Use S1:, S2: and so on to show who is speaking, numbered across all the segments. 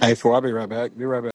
S1: Hey, for I'll be right back. Be right back.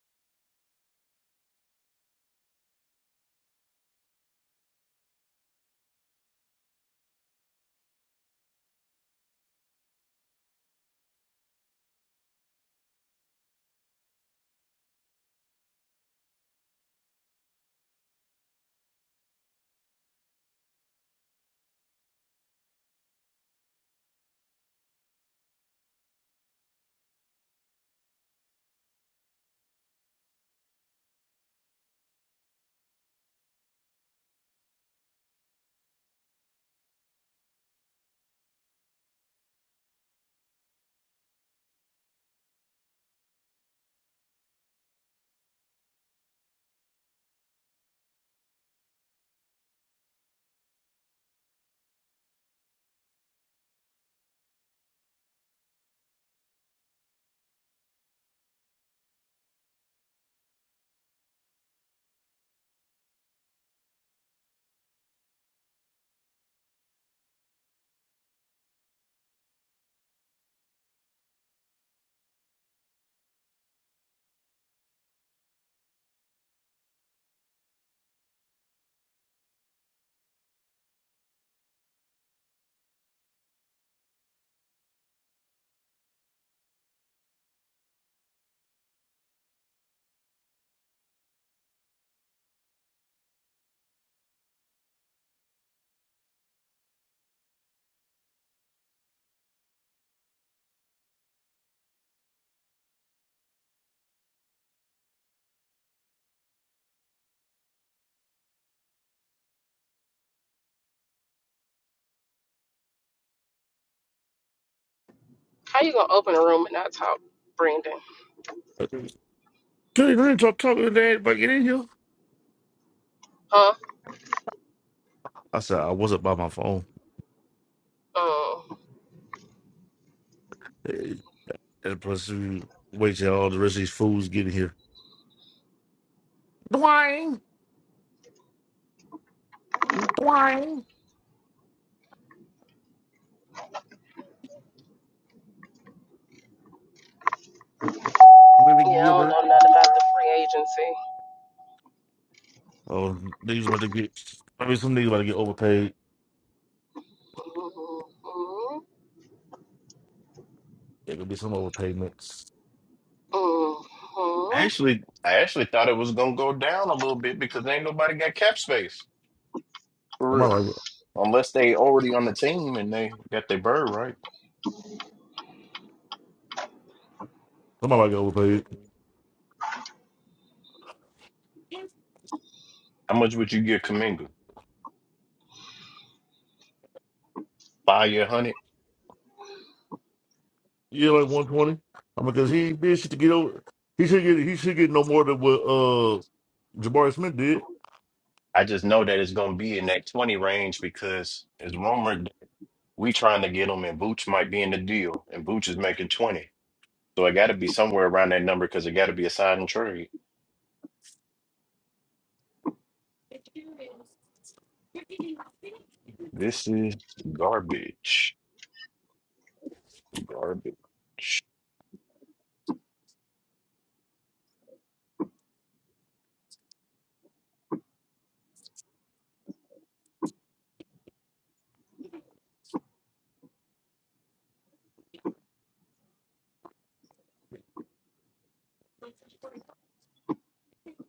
S2: How you gonna open a room and not talk, Brendan?
S3: Kelly, I didn't talk, talk to dad But get in here.
S2: Huh?
S3: I said, I wasn't by my phone.
S2: Mm.
S3: Eh, And plus, we wait till all the rest of these fools get in here. Dwayne, Dwayne, Willie
S2: Yeah, I don't
S3: Gilbert.
S2: know nothing about the free agency.
S3: Oh, niggas about to get, I mean, some niggas about to get overpaid.
S2: Mm-hmm.
S3: There could be some overpayments.
S2: Mm-hmm.
S4: actually, I actually thought it was gonna go down a little bit because ain't nobody got cap space for real,
S3: Somebody like,
S4: unless they already on the team and they got their bird right.
S3: somebody like get overpaid.
S4: How much would you get Kaminga? Five year hundred?
S3: Yeah, like 120. I mean, because he ain't did shit to get over. He should get, he should get no more than what uh Jabari Smith did.
S4: I just know that it's gonna be in that twenty range because it's rumored that we trying to get him and Booch might be in the deal and Booch is making twenty, so it got to be somewhere around that number because it got to be a sign and trade. This is garbage, garbage.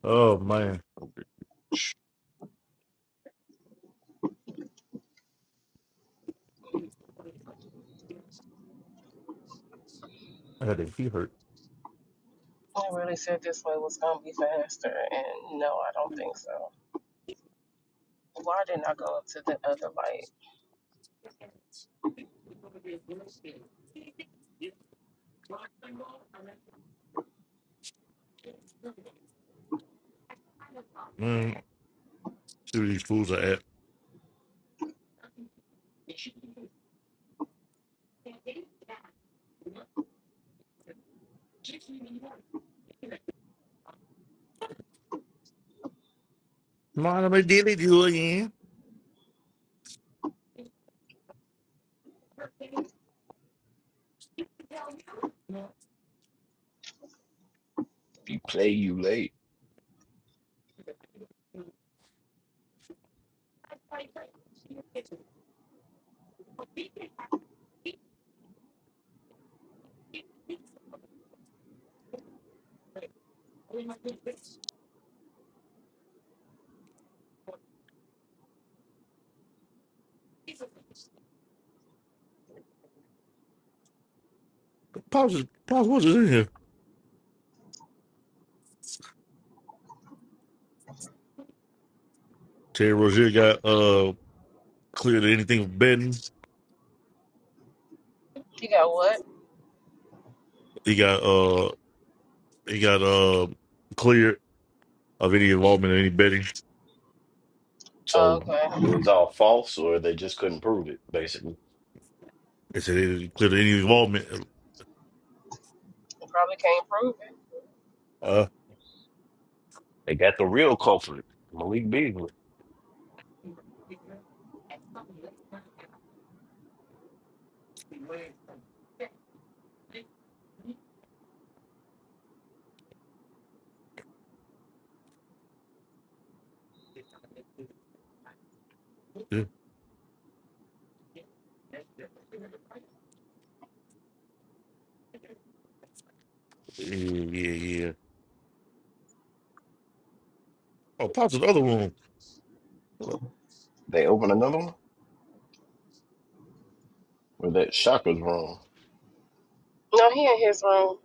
S3: Oh, man. I had that he hurt.
S2: I really said this way was gonna be faster, and no, I don't think so. Why didn't I go up to the other light?
S3: Man, see where these fools are at. Mind they did it you again.
S4: You play, you late.
S3: Pops, Pops, what's in here? Terry Rozier got uh cleared of anything of betting.
S2: You got what?
S3: He got uh he got uh cleared of any involvement in any betting.
S2: Oh,
S4: So
S2: Okay.
S4: it was all false, or they just couldn't prove it. Basically,
S3: They said he cleared of any involvement.
S2: Probably can't prove it.
S3: Uh
S4: they got the real culprit, Malik Beasley.
S3: yeah, yeah, yeah. Oh, Pops in the other room.
S4: They opened another one, where that shock was wrong.
S2: No, he in his room.